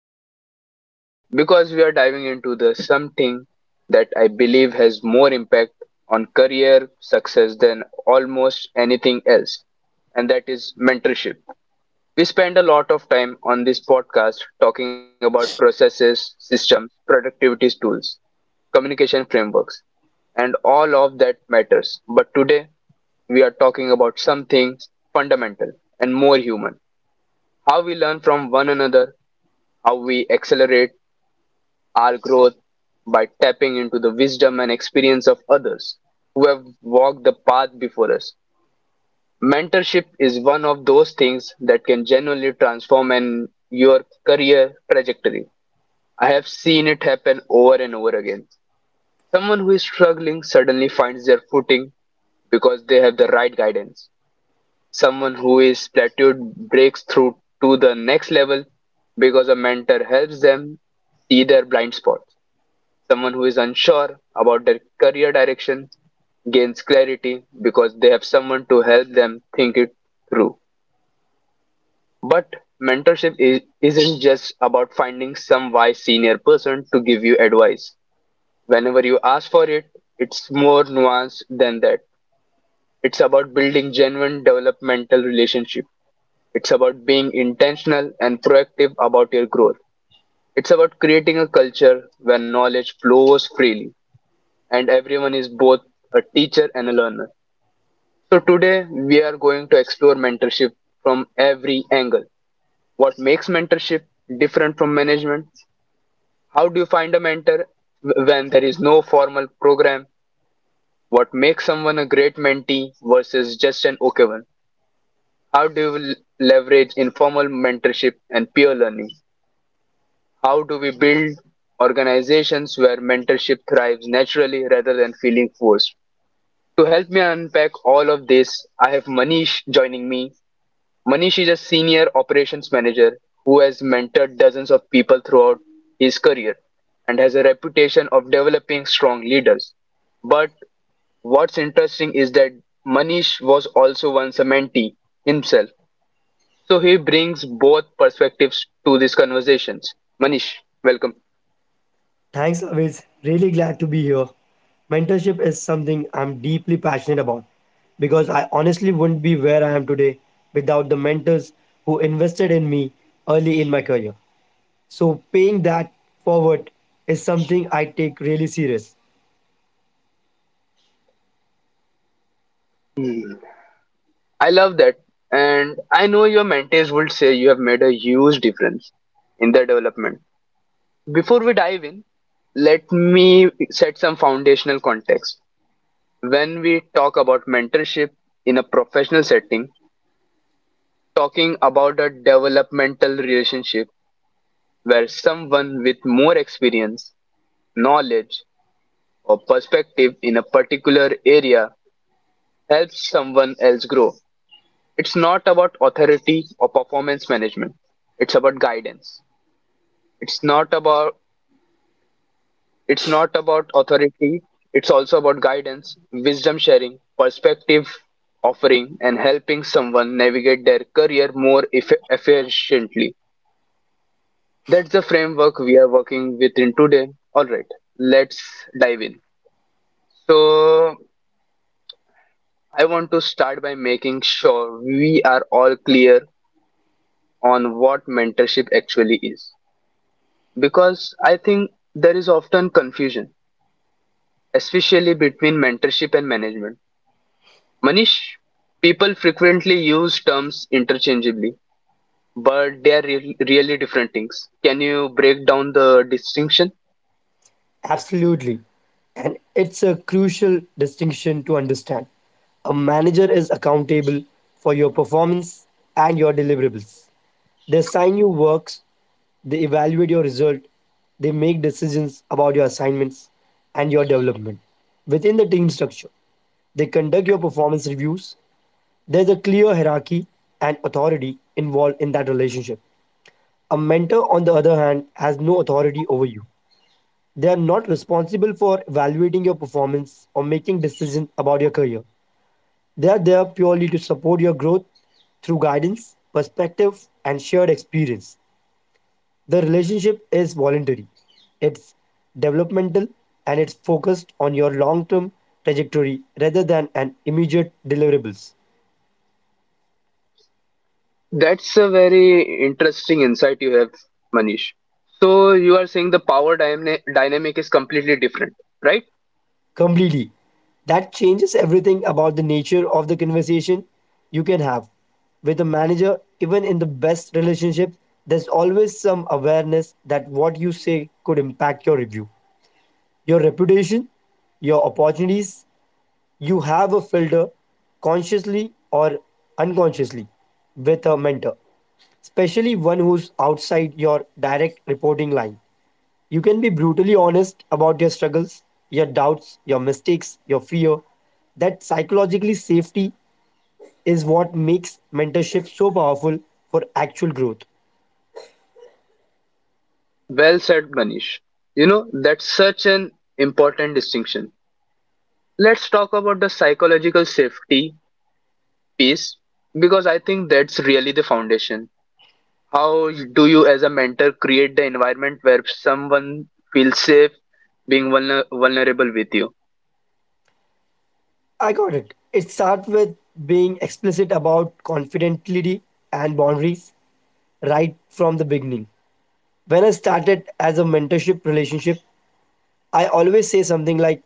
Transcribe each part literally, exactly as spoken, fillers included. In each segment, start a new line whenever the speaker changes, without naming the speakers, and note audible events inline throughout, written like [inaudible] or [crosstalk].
today's conversation because we are diving into the something that I believe has more impact on career success than almost anything else, and that is mentorship. We spend a lot of time on this podcast talking about processes, systems, productivity tools, communication frameworks, and all of that matters. But today, we are talking about something fundamental and more human. How we learn from one another, how we accelerate our growth by tapping into the wisdom and experience of others who have walked the path before us. Mentorship is one of those things that can genuinely transform an, your career trajectory. I have seen it happen over and over again. Someone who is struggling suddenly finds their footing because they have the right guidance. Someone who is plateaued breaks through to the next level because a mentor helps them see their blind spots. Someone who is unsure about their career direction gains clarity because they have someone to help them think it through. But mentorship is, isn't just about finding some wise senior person to give you advice whenever you ask for it. It's more nuanced than that. It's about building genuine developmental relationship. It's about being intentional and proactive about your growth. It's about creating a culture where knowledge flows freely and everyone is both a teacher and a learner. So, today we are going to explore mentorship from every angle. What makes mentorship different from management? How do you find a mentor w- when there is no formal program? What makes someone a great mentee versus just an okay one? How do you l- leverage informal mentorship and peer learning? How do we build organizations where mentorship thrives naturally rather than feeling forced? To help me unpack all of this, I have Manish joining me. Manish is a senior operations manager who has mentored dozens of people throughout his career and has a reputation of developing strong leaders. But what's interesting is that Manish was also once a mentee himself. So he brings both perspectives to these conversations. Manish, welcome.
Thanks, always. Really glad to be here. Mentorship is something I'm deeply passionate about because I honestly wouldn't be where I am today without the mentors who invested in me early in my career. So, paying that forward is something I take really serious.
I love that. And I know your mentees would say you have made a huge difference in their development. Before we dive in, let me set some foundational context. When we talk about mentorship in a professional setting, talking about a developmental relationship where someone with more experience, knowledge, or perspective in a particular area helps someone else grow. It's not about authority or performance management, it's about guidance. It's not about it's not about authority. It's also about guidance, wisdom sharing, perspective offering, and helping someone navigate their career more eff- efficiently. That's the framework we are working within today. All right, let's dive in. So I want to start by making sure we are all clear on what mentorship actually is, because I think there is often confusion, especially between mentorship and management. Manish, people frequently use terms interchangeably, but they are real really different things. Can you break down the distinction?
Absolutely. And it's a crucial distinction to understand. A manager is accountable for your performance and your deliverables. They assign you works, they evaluate your result, they make decisions about your assignments and your development. Within the team structure, they conduct your performance reviews. There's a clear hierarchy and authority involved in that relationship. A mentor, on the other hand, has no authority over you. They are not responsible for evaluating your performance or making decisions about your career. They are there purely to support your growth through guidance, perspective, and shared experience. The relationship is voluntary, it's developmental, and it's focused on your long term trajectory rather than an immediate deliverables.
That's a very interesting insight you have, Manish. So you are saying the power dyna- dynamic is completely different, right?
Completely. That changes everything about the nature of the conversation you can have. With a manager, even in the best relationship, there's always some awareness that what you say could impact your review, your reputation, your opportunities. You have a filter consciously or unconsciously with a mentor, especially one who's outside your direct reporting line. You can be brutally honest about your struggles, your doubts, your mistakes, your fear. That psychologically safety is what makes mentorship so powerful for actual growth.
Well said, Manish. You know, that's such an important distinction. Let's talk about the psychological safety piece because I think that's really the foundation. How do you, as a mentor, create the environment where someone feels safe being vulner- vulnerable with you?
I got it. It starts with being explicit about confidentiality and boundaries right from the beginning. When I started as a mentorship relationship, I always say something like,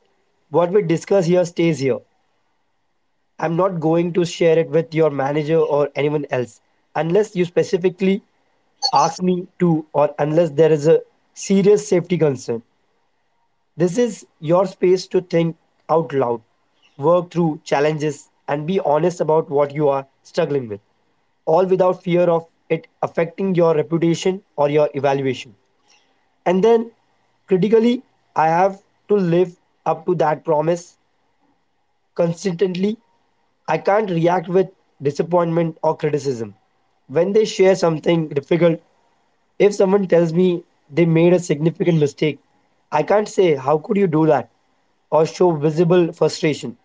what we discuss here stays here. I'm not going to share it with your manager or anyone else unless you specifically ask me to or unless there is a serious safety concern. This is your space to think out loud, work through challenges, and be honest about what you are struggling with, all without fear of it affecting your reputation or your evaluation. And then, critically, I have to live up to that promise consistently. I can't react with disappointment or criticism when they share something difficult. If someone tells me they made a significant mistake, I can't say, how could you do that? Or show visible frustration.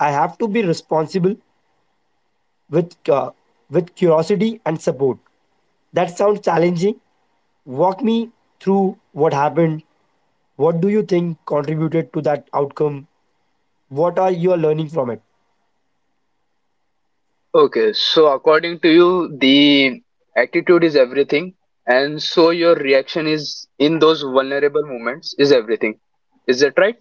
I have to be responsible with, uh, with curiosity and support. That sounds challenging. Walk me through what happened. What do you think contributed to that outcome? What are you learning from it?
Okay, so according to you, the attitude is everything, and so your reaction is in those vulnerable moments is everything. Is that right?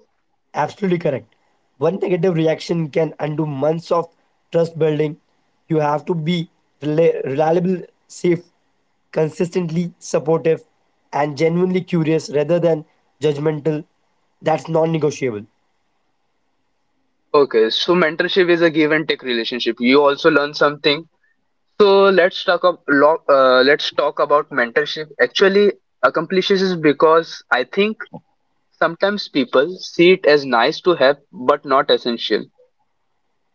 Absolutely correct. One negative reaction can undo months of trust building. You have to be rela- reliable, safe, consistently supportive, and genuinely curious rather than judgmental. That's non negotiable.
Okay, so mentorship is a give and take relationship. You also learn something. So let's talk about uh, let's talk about mentorship. Actually, accomplishes is because I think sometimes people see it as nice to have but not essential.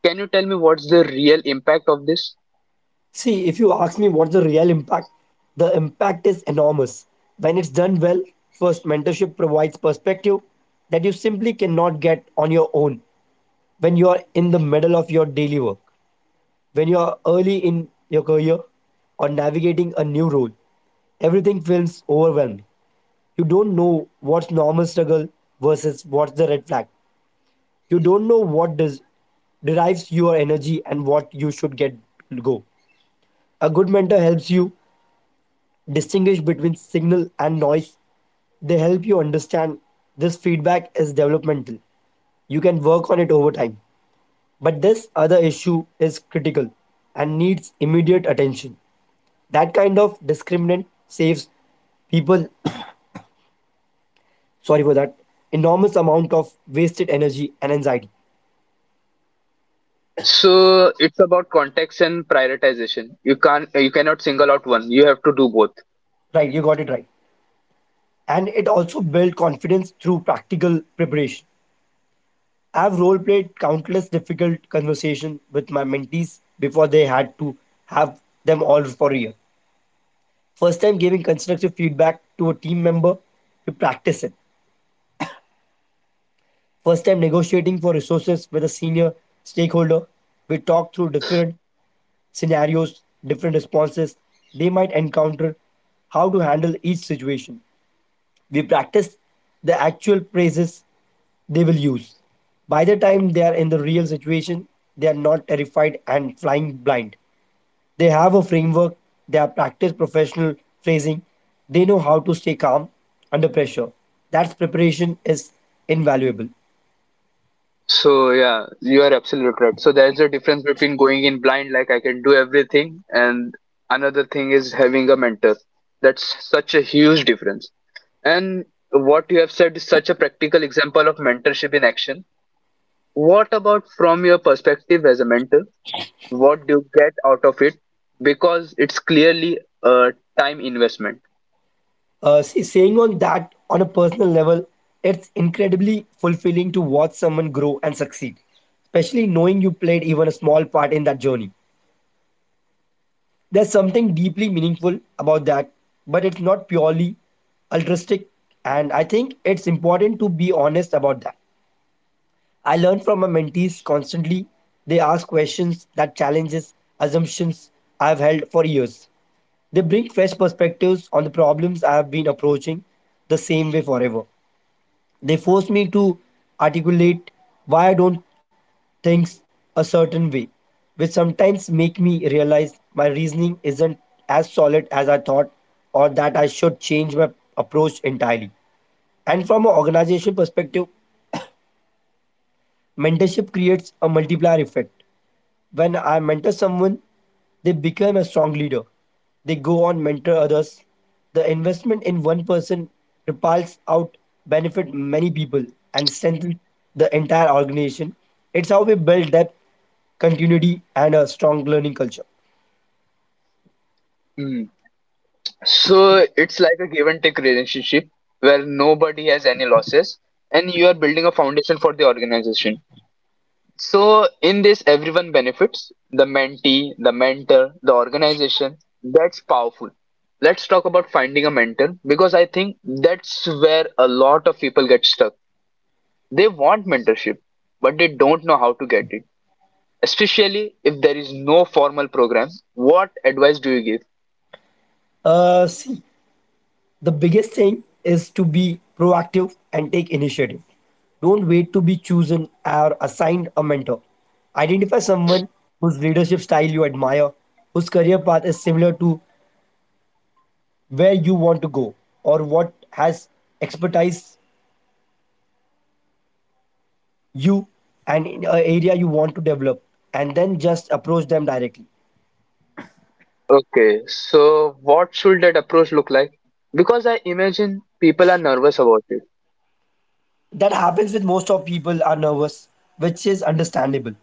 Can you tell me what's the real impact of this?
See, if you ask me what's the real impact, the impact is enormous. When it's done well, first, mentorship provides perspective that you simply cannot get on your own when you are in the middle of your daily work. When you're early in your career or navigating a new role, everything feels overwhelming. You don't know what's normal struggle versus what's the red flag. You don't know what does derives your energy and what you should get go. A good mentor helps you distinguish between signal and noise. They help you understand this feedback is developmental. You can work on it over time. But this other issue is critical and needs immediate attention. That kind of discriminant saves people, [coughs] sorry for that, enormous amount of wasted energy and anxiety.
So it's about context and prioritization. You can't you cannot single out one. You have to do both.
Right, you got it right. And it also built confidence through practical preparation. I've role played countless difficult conversations with my mentees before they had to have them all for real. First time giving constructive feedback to a team member, we practice it. First time negotiating for resources with a senior stakeholder, we talk through different scenarios, different responses they might encounter, how to handle each situation. We practice the actual phrases they will use. By the time they are in the real situation, they are not terrified and flying blind. They have a framework, they have practiced professional phrasing, they know how to stay calm under pressure. That preparation is invaluable.
So yeah, you are absolutely right. So there's a difference between going in blind like I can do everything, and another thing is having a mentor. That's such a huge difference. And what you have said is such a practical example of mentorship in action. What about from your perspective as a mentor? What do you get out of it because it's clearly a time investment?
Uh, see, saying on that on a personal level, it's incredibly fulfilling to watch someone grow and succeed, especially knowing you played even a small part in that journey. There's something deeply meaningful about that, but it's not purely altruistic, and I think it's important to be honest about that. I learn from my mentees constantly. They ask questions that challenges assumptions I've held for years. They bring fresh perspectives on the problems I have been approaching the same way forever. They force me to articulate why I don't things a certain way, which sometimes make me realize my reasoning isn't as solid as I thought or that I should change my approach entirely. And from an organization perspective, mentorship creates a multiplier effect. When I mentor someone, they become a strong leader. They go on mentor others. The investment in one person repels out benefit many people and strengthen the entire organization. It's how we build depth, continuity, and a strong learning culture.
Hmm. So it's like a give and take relationship where nobody has any losses and you are building a foundation for the organization. So in this everyone benefits, the mentee, the mentor, the organization. That's powerful. Let's talk about finding a mentor because I think that's where a lot of people get stuck. They want mentorship, but they don't know how to get it, especially if there is no formal program. What advice do you give?
Uh, see, the biggest thing is to be proactive and take initiative. Don't wait to be chosen or assigned a mentor. Identify someone whose leadership style you admire, whose career path is similar to where you want to go, or what has expertise you and in an area you want to develop, and then just approach them directly.
Okay, so what should that approach look like, because I imagine people are nervous about it?
That happens with most of people are nervous, which is understandable.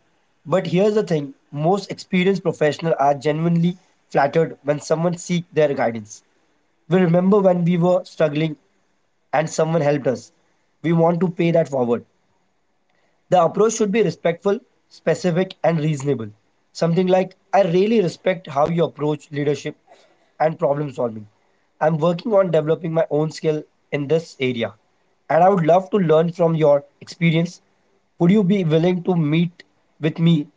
But here's the thing, most experienced professionals are genuinely flattered when someone seeks their guidance. We remember when we were struggling and someone helped us. We want to pay that forward. The approach should be respectful, specific, and reasonable. Something like, I really respect how you approach leadership and problem solving. I'm working on developing my own skill in this area, and I would love to learn from your experience. Would you be willing to meet with me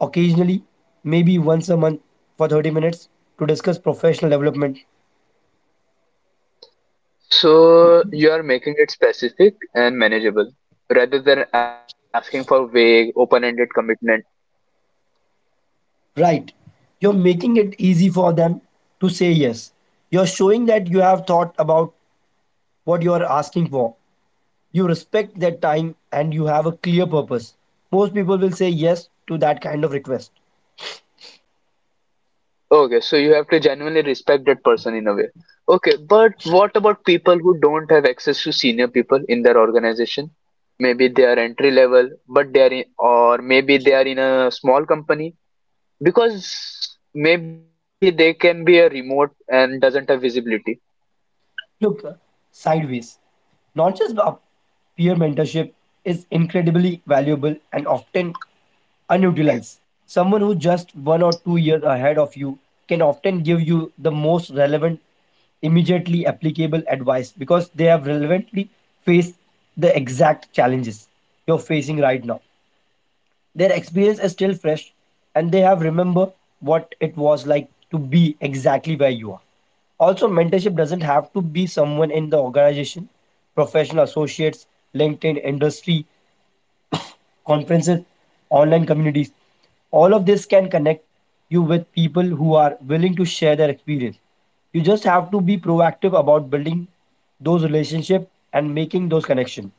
occasionally, maybe once a month for thirty minutes to discuss professional development?
So you are making it specific and manageable rather than asking for vague open-ended commitment.
Right. You're making it easy for them to say yes. You're showing that you have thought about what you are asking for. You respect that time and you have a clear purpose. Most people will say yes to that kind of request.
Okay, so you have to genuinely respect that person in a way. Okay, but what about people who don't have access to senior people in their organization? Maybe they are entry level, but they are in, or maybe they are in a small company, because maybe they can be a remote and doesn't have visibility.
Look, uh, sideways. Not just up- peer mentorship is incredibly valuable and often unutilized. Someone who just one or two years ahead of you can often give you the most relevant, immediately applicable advice because they have relevantly faced the exact challenges you're facing right now. Their experience is still fresh and they have remember what it was like to be exactly where you are. Also, mentorship doesn't have to be someone in the organization, professional associates, LinkedIn, industry, conferences, online communities. All of this can connect you with people who are willing to share their experience. You just have to be proactive about building those relationships and making those connections.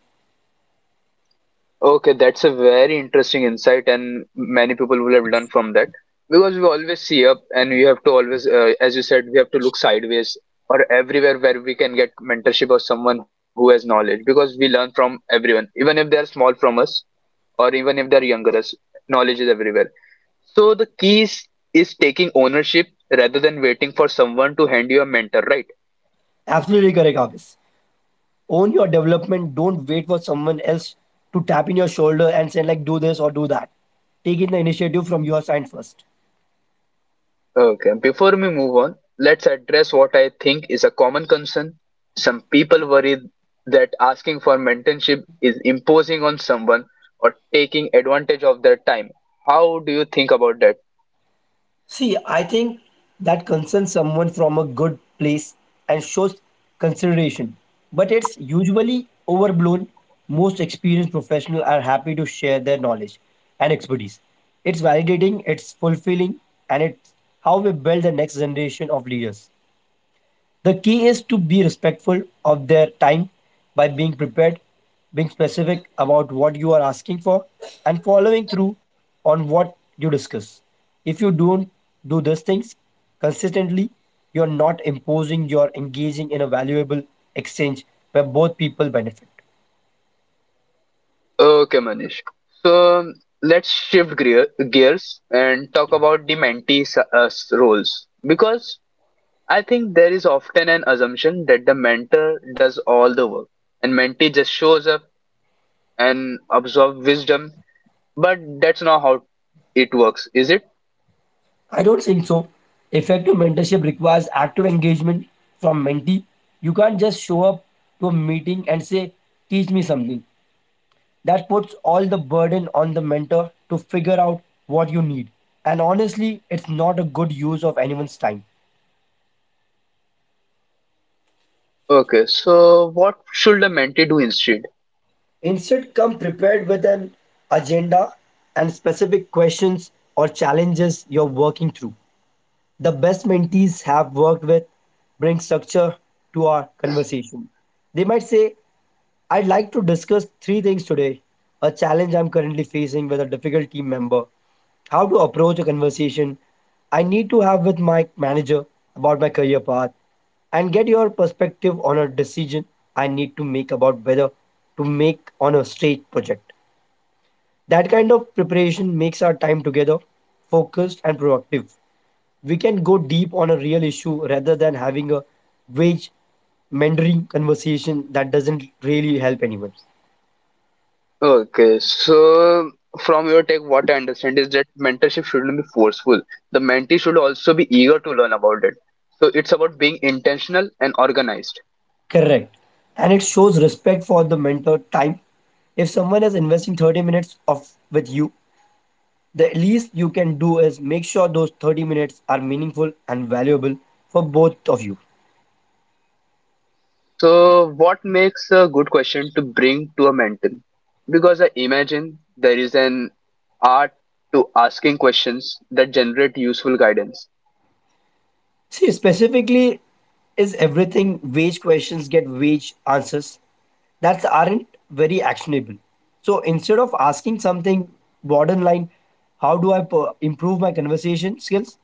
Okay, that's a very interesting insight and many people will have learned from that, because we always see up and we have to always, uh, as you said, we have to look sideways or everywhere where we can get mentorship or someone who has knowledge, because we learn from everyone even if they're small from us or even if they're younger us. Knowledge is everywhere. So the key is, is taking ownership rather than waiting for someone to hand you a mentor, right?
Absolutely correct, Abis. Own your development. Don't wait for someone else to tap in your shoulder and say like do this or do that. Take in the initiative from your side first.
Okay, before we move on, let's address what I think is a common concern. Some people worry that asking for mentorship is imposing on someone or taking advantage of their time. How do you think about that?
See, I think that concerns someone from a good place and shows consideration. But it's usually overblown. Most experienced professionals are happy to share their knowledge and expertise. It's validating, it's fulfilling, and it's how we build the next generation of leaders. The key is to be respectful of their time by being prepared, being specific about what you are asking for, and following through on what you discuss. If you don't do these things consistently, you're not imposing, you're engaging in a valuable exchange where both people benefit.
Okay, Manish. So um, let's shift gear, gears and talk about the mentee s- uh, s- roles, because I think there is often an assumption that the mentor does all the work and mentee just shows up and absorbs wisdom. But that's not how it works, is it?
I don't think so. Effective mentorship requires active engagement from mentee. You can't just show up to a meeting and say, teach me something. That puts all the burden on the mentor to figure out what you need. And honestly, it's not a good use of anyone's time.
Okay, so what should the mentee do instead?
Instead, come prepared with an agenda and specific questions or challenges you're working through. The best mentees have worked with bring structure to our conversation. They might say, I'd like to discuss three things today: a challenge I'm currently facing with a difficult team member, how to approach a conversation I need to have with my manager about my career path, and get your perspective on a decision I need to make about whether to make on a stage project. That kind of preparation makes our time together focused and productive. We can go deep on a real issue rather than having a wage mentoring conversation that doesn't really help anyone.
Okay, so from your take, what I understand is that mentorship shouldn't be forceful. The mentee should also be eager to learn about it. So it's about being intentional and organized.
Correct. And it shows respect for the mentor time. If someone is investing thirty minutes of with you, the least you can do is make sure those thirty minutes are meaningful and valuable for both of you.
So what makes a good question to bring to a mentor? Because I imagine there is an art to asking questions that generate useful guidance.
See, specifically, is everything wage questions get wage answers that aren't very actionable. So instead of asking something borderline, how do I per- improve my conversation skills,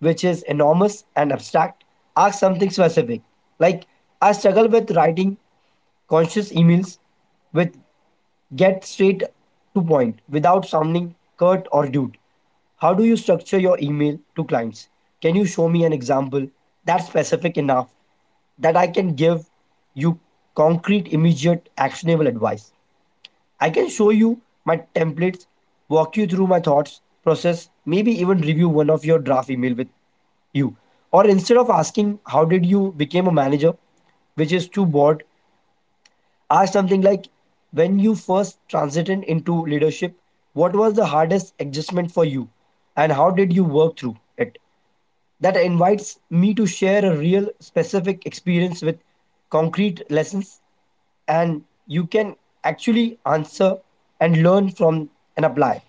which is enormous and abstract, ask something specific. Like, I struggle with writing conscious emails with get straight to point without sounding curt or rude. How do you structure your email to clients? Can you show me an example that's specific enough that I can give you concrete, immediate, actionable advice? I can show you my templates, walk you through my thoughts, process, maybe even review one of your draft email with you. Or instead of asking, "How did you become a manager?" which is too broad, ask something like when you first transited into leadership, what was the hardest adjustment for you and how did you work through it? That invites me to share a real specific experience with concrete lessons and you can actually answer and learn from and apply,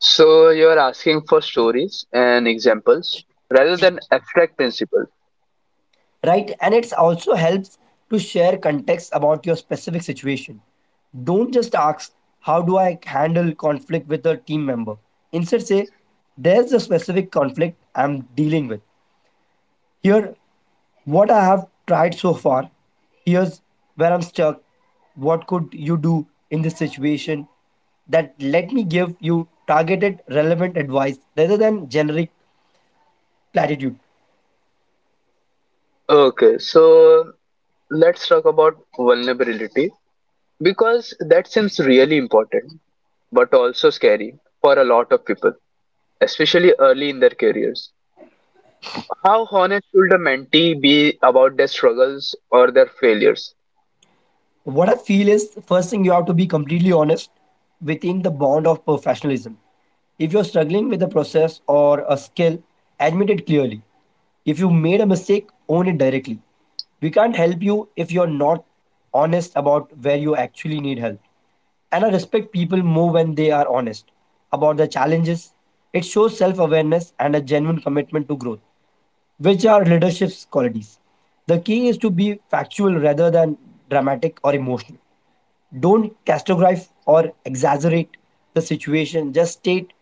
So you're asking for stories and examples rather than abstract principles.
right? And it also helps to share context about your specific situation. Don't just ask, "How do I handle conflict with a team member?" Instead, say, "There's a specific conflict I'm dealing with. Here, what I have tried so far. Here's where I'm stuck. What could you do in this situation?" That let me give you targeted, relevant advice rather than generic platitude.
Okay, so let's talk about vulnerability, because that seems really important but also scary for a lot of people, especially early in their careers. How honest should a mentee be about their struggles or their failures?
What I feel is first thing you have to be completely honest within the bound of professionalism. If you're struggling with a process or a skill, admit it clearly. If you made a mistake, own it directly. We can't help you if you're not honest about where you actually need help. And I respect people more when they are honest about their challenges. It shows self awareness and a genuine commitment to growth, which are leadership's qualities. The key is to be factual rather than dramatic or emotional. Don't categorize or exaggerate the situation. Just state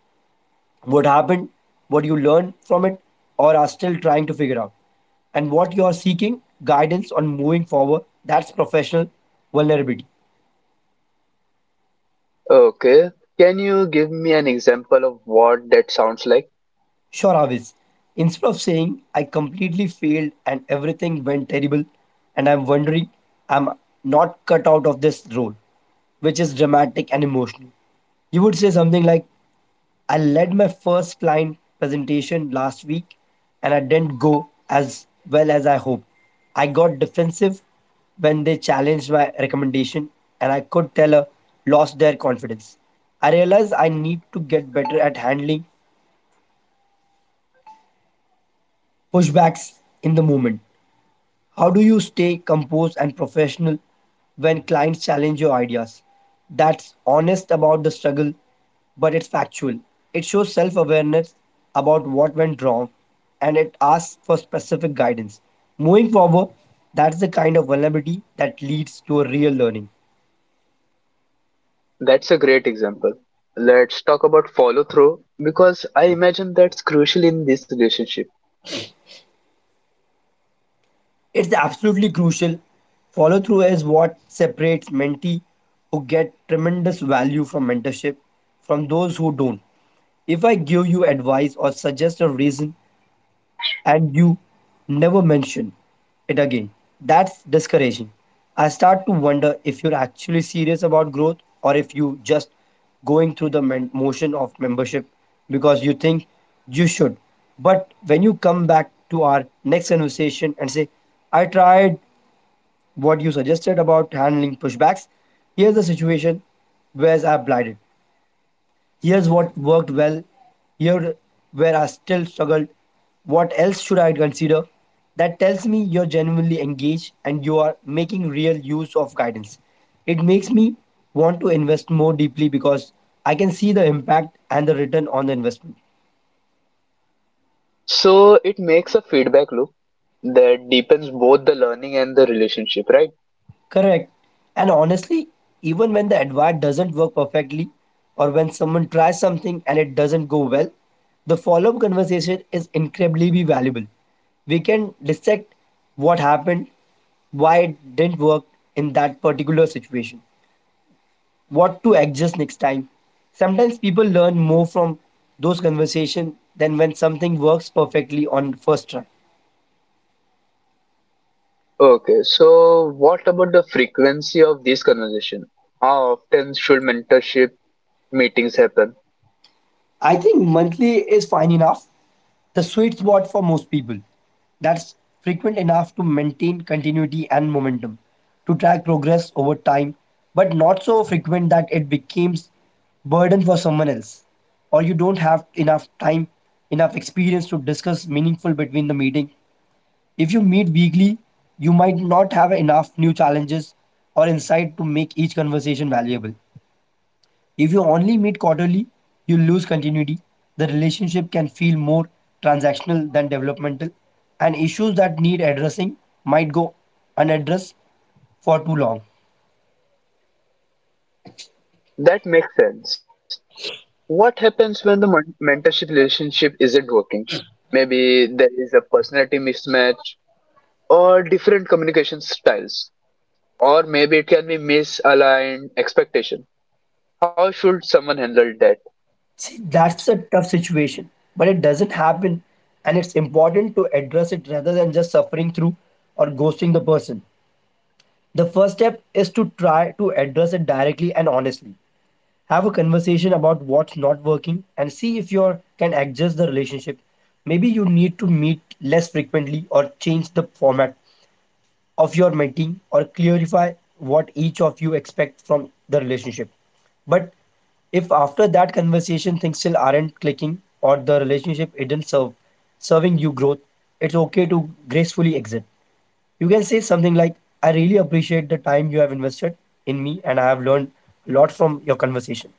what happened, what you learned from it, or are still trying to figure out, and what you are seeking guidance on moving forward. That's professional vulnerability.
Okay, can you give me an example of what that sounds like?
Sure, Avis. Instead of saying, "I completely failed and everything went terrible, and I'm wondering I'm not cut out of this role," which is dramatic and emotional, you would say something like, "I led my first client presentation last week and I didn't go as well as I hoped. I got defensive when they challenged my recommendation, and I could tell I lost their confidence. I realized I need to get better at handling pushbacks in the moment. How do you stay composed and professional when clients challenge your ideas?" That's honest about the struggle, but it's factual. It shows self awareness about what went wrong and it asks for specific guidance. Moving forward, that's the kind of vulnerability that leads to a real learning.
That's a great example. Let's talk about follow through because I imagine that's crucial in this relationship.
It's absolutely crucial. Follow through is what separates mentee who get tremendous value from mentorship from those who don't. If I give you advice or suggest a reason and you never mention it again, that's discouraging. I start to wonder if you're actually serious about growth or if you just going through the men- motion of membership because you think you should. But when you come back to our next conversation and say, "I tried what you suggested about handling pushbacks. Here's the situation where I blinded. Here's what worked well. Here where I still struggled. What else should I consider?" That tells me you're genuinely engaged and you are making real use of guidance. It makes me want to invest more deeply because I can see the impact and the return on the investment.
So it makes a feedback loop that deepens both the learning and the relationship, right?
Correct. And honestly, even when the advice doesn't work perfectly, or when someone tries something and it doesn't go well, the follow up conversation is incredibly valuable. We can dissect what happened, why it didn't work in that particular situation, what to adjust next time. Sometimes people learn more from those conversations than when something works perfectly on first try.
Okay, so what about the frequency of this conversation? How often should mentorship meetings happen?
I think monthly is fine enough, the sweet spot for most people. That's frequent enough to maintain continuity and momentum, to track progress over time, but not so frequent that it becomes burden for someone else, or you don't have enough time, enough experience to discuss meaningful between the meeting. If you meet weekly, you might not have enough new challenges or insight to make each conversation valuable. If you only meet quarterly, you lose continuity. The relationship can feel more transactional than developmental, and issues that need addressing might go unaddressed for too long.
That makes sense. What happens when the men- mentorship relationship isn't working? Maybe there is a personality mismatch or different communication styles, or maybe it can be misaligned expectation. How should someone handle that?
See, that's a tough situation, but it doesn't happen, and it's important to address it rather than just suffering through or ghosting the person. The first step is to try to address it directly and honestly. Have a conversation about what's not working and see if you can adjust the relationship. Maybe you need to meet less frequently or change the format of your meeting or clarify what each of you expect from the relationship. But if after that conversation things still aren't clicking or the relationship isn't serve, serving you growth, it's okay to gracefully exit. You can say something like, "I really appreciate the time you have invested in me and I have learned a lot from your conversation.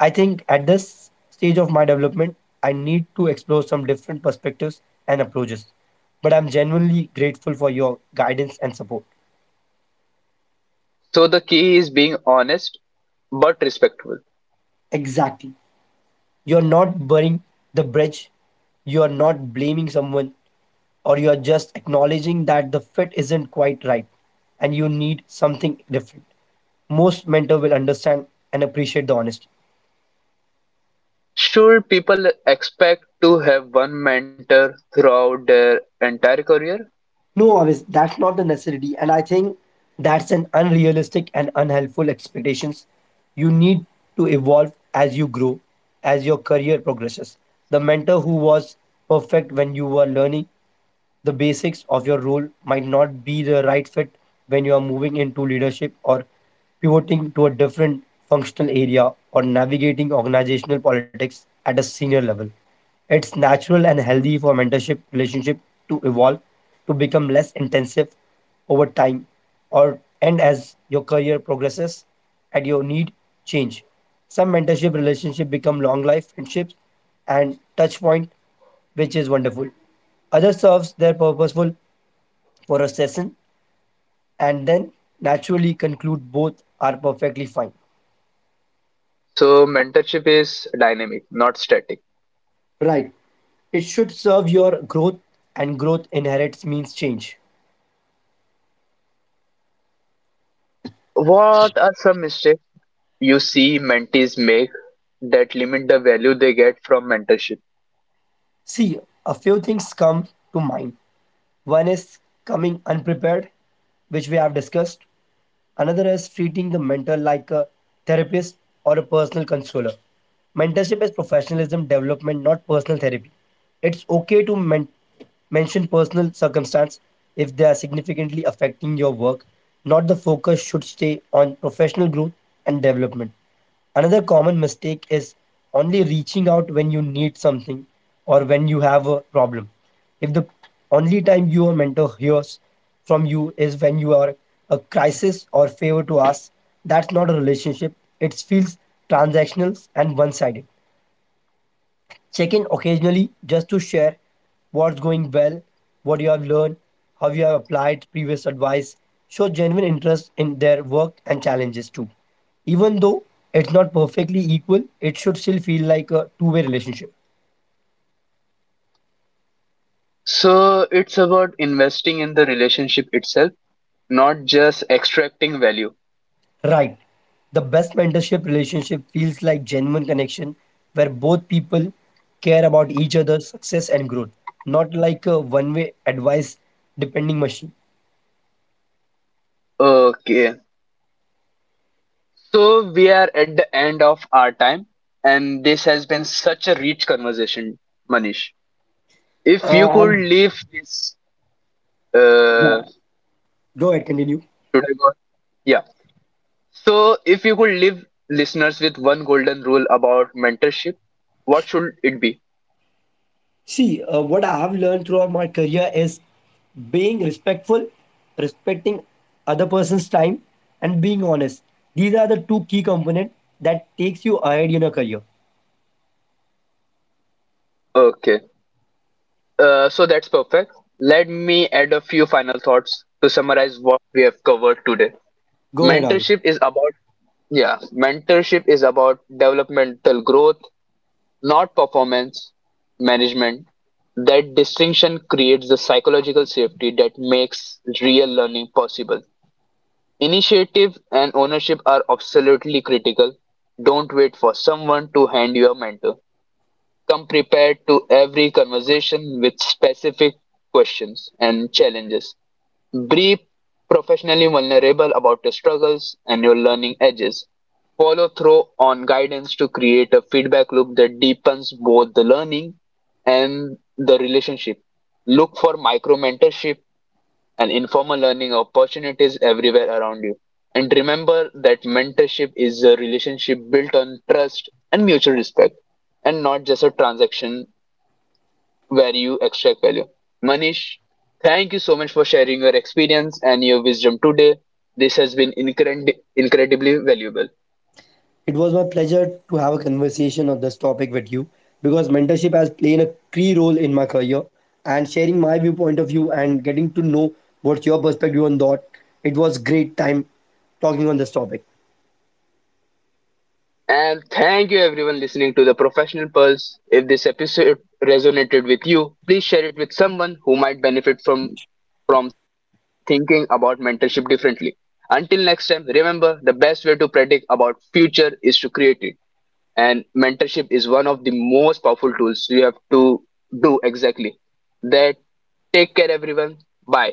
I think at this stage of my development, I need to explore some different perspectives and approaches. But I'm genuinely grateful for your guidance and support."
So the key is being honest but respectful.
Exactly. You're not burning the bridge, you're not blaming someone, or you're just acknowledging that the fit isn't quite right and you need something different. Most mentor will understand and appreciate the honesty.
Should people expect to have one mentor throughout their entire career?
No, Avis, that's not the necessity. And I think that's an unrealistic and unhelpful expectations. You need to evolve as you grow, as your career progresses. The mentor who was perfect when you were learning the basics of your role might not be the right fit when you are moving into leadership or pivoting to a different functional area or navigating organizational politics at a senior level. It's natural and healthy for mentorship relationship to evolve to become less intensive over time or and as your career progresses and your need change. Some mentorship relationship become long life friendships and touch point, which is wonderful. Others serves their purposeful for a session and then naturally conclude, both are perfectly fine.
So mentorship is dynamic, not static.
Right. It should serve your growth, and growth inherits means change.
What are some mistakes you see mentees make that limit the value they get from mentorship?
See, a few things come to mind. One is coming unprepared, which we have discussed. Another is treating the mentor like a therapist or a personal consoler. Mentorship is professionalism development, not personal therapy. It's okay to men- mention personal circumstance if they are significantly affecting your work. Not the focus should stay on professional growth and development. Another common mistake is only reaching out when you need something or when you have a problem. If the only time your mentor hears from you is when you are a crisis or favor to ask, that's not a relationship. It feels transactional and one sided. Check in occasionally just to share what's going well, what you have learned, how you have applied previous advice. Show genuine interest in their work and challenges too. Even though it's not perfectly equal, it should still feel like a two way relationship.
So it's about investing in the relationship itself, not just extracting value.
Right. The best mentorship relationship feels like genuine connection where both people care about each other's success and growth, not like a one way advice depending machine.
Okay. So we are at the end of our time, and this has been such a rich conversation, Manish. If
Uh,
you could
I'm-
leave this, uh,
go ahead, continue.
should I go? Yeah. So if you could leave listeners with one golden rule about mentorship, what should it be?
See, uh, what I've learned throughout my career is being respectful, respecting other person's time, and being honest. These are the two key components that takes you ahead in your career.
Okay. Uh, so that's perfect. Let me add a few final thoughts to summarize what we have covered today.
Go ahead, Avi.
Mentorship is about yeah, Mentorship is about developmental growth, not performance management. That distinction creates the psychological safety that makes real learning possible. Initiative and ownership are absolutely critical. Don't wait for someone to hand you a mentor. Come prepared to every conversation with specific questions and challenges. Be professionally vulnerable about your struggles and your learning edges. Follow through on guidance to create a feedback loop that deepens both the learning and the relationship. Look for micro mentorship and informal learning opportunities everywhere around you. And remember that mentorship is a relationship built on trust and mutual respect and not just a transaction where you extract value. Manish, thank you so much for sharing your experience and your wisdom today. This has been incred- incredibly valuable.
It was my pleasure to have a conversation on this topic with you because mentorship has played a key role in my career and sharing my viewpoint of view and getting to know what's your perspective on that. It was great time talking on this topic.
And thank you everyone listening to the Professional Pulse. If this episode resonated with you, please share it with someone who might benefit from from thinking about mentorship differently. Until next time, remember the best way to predict about future is to create it, and mentorship is one of the most powerful tools you have to do exactly that. Take care everyone. Bye.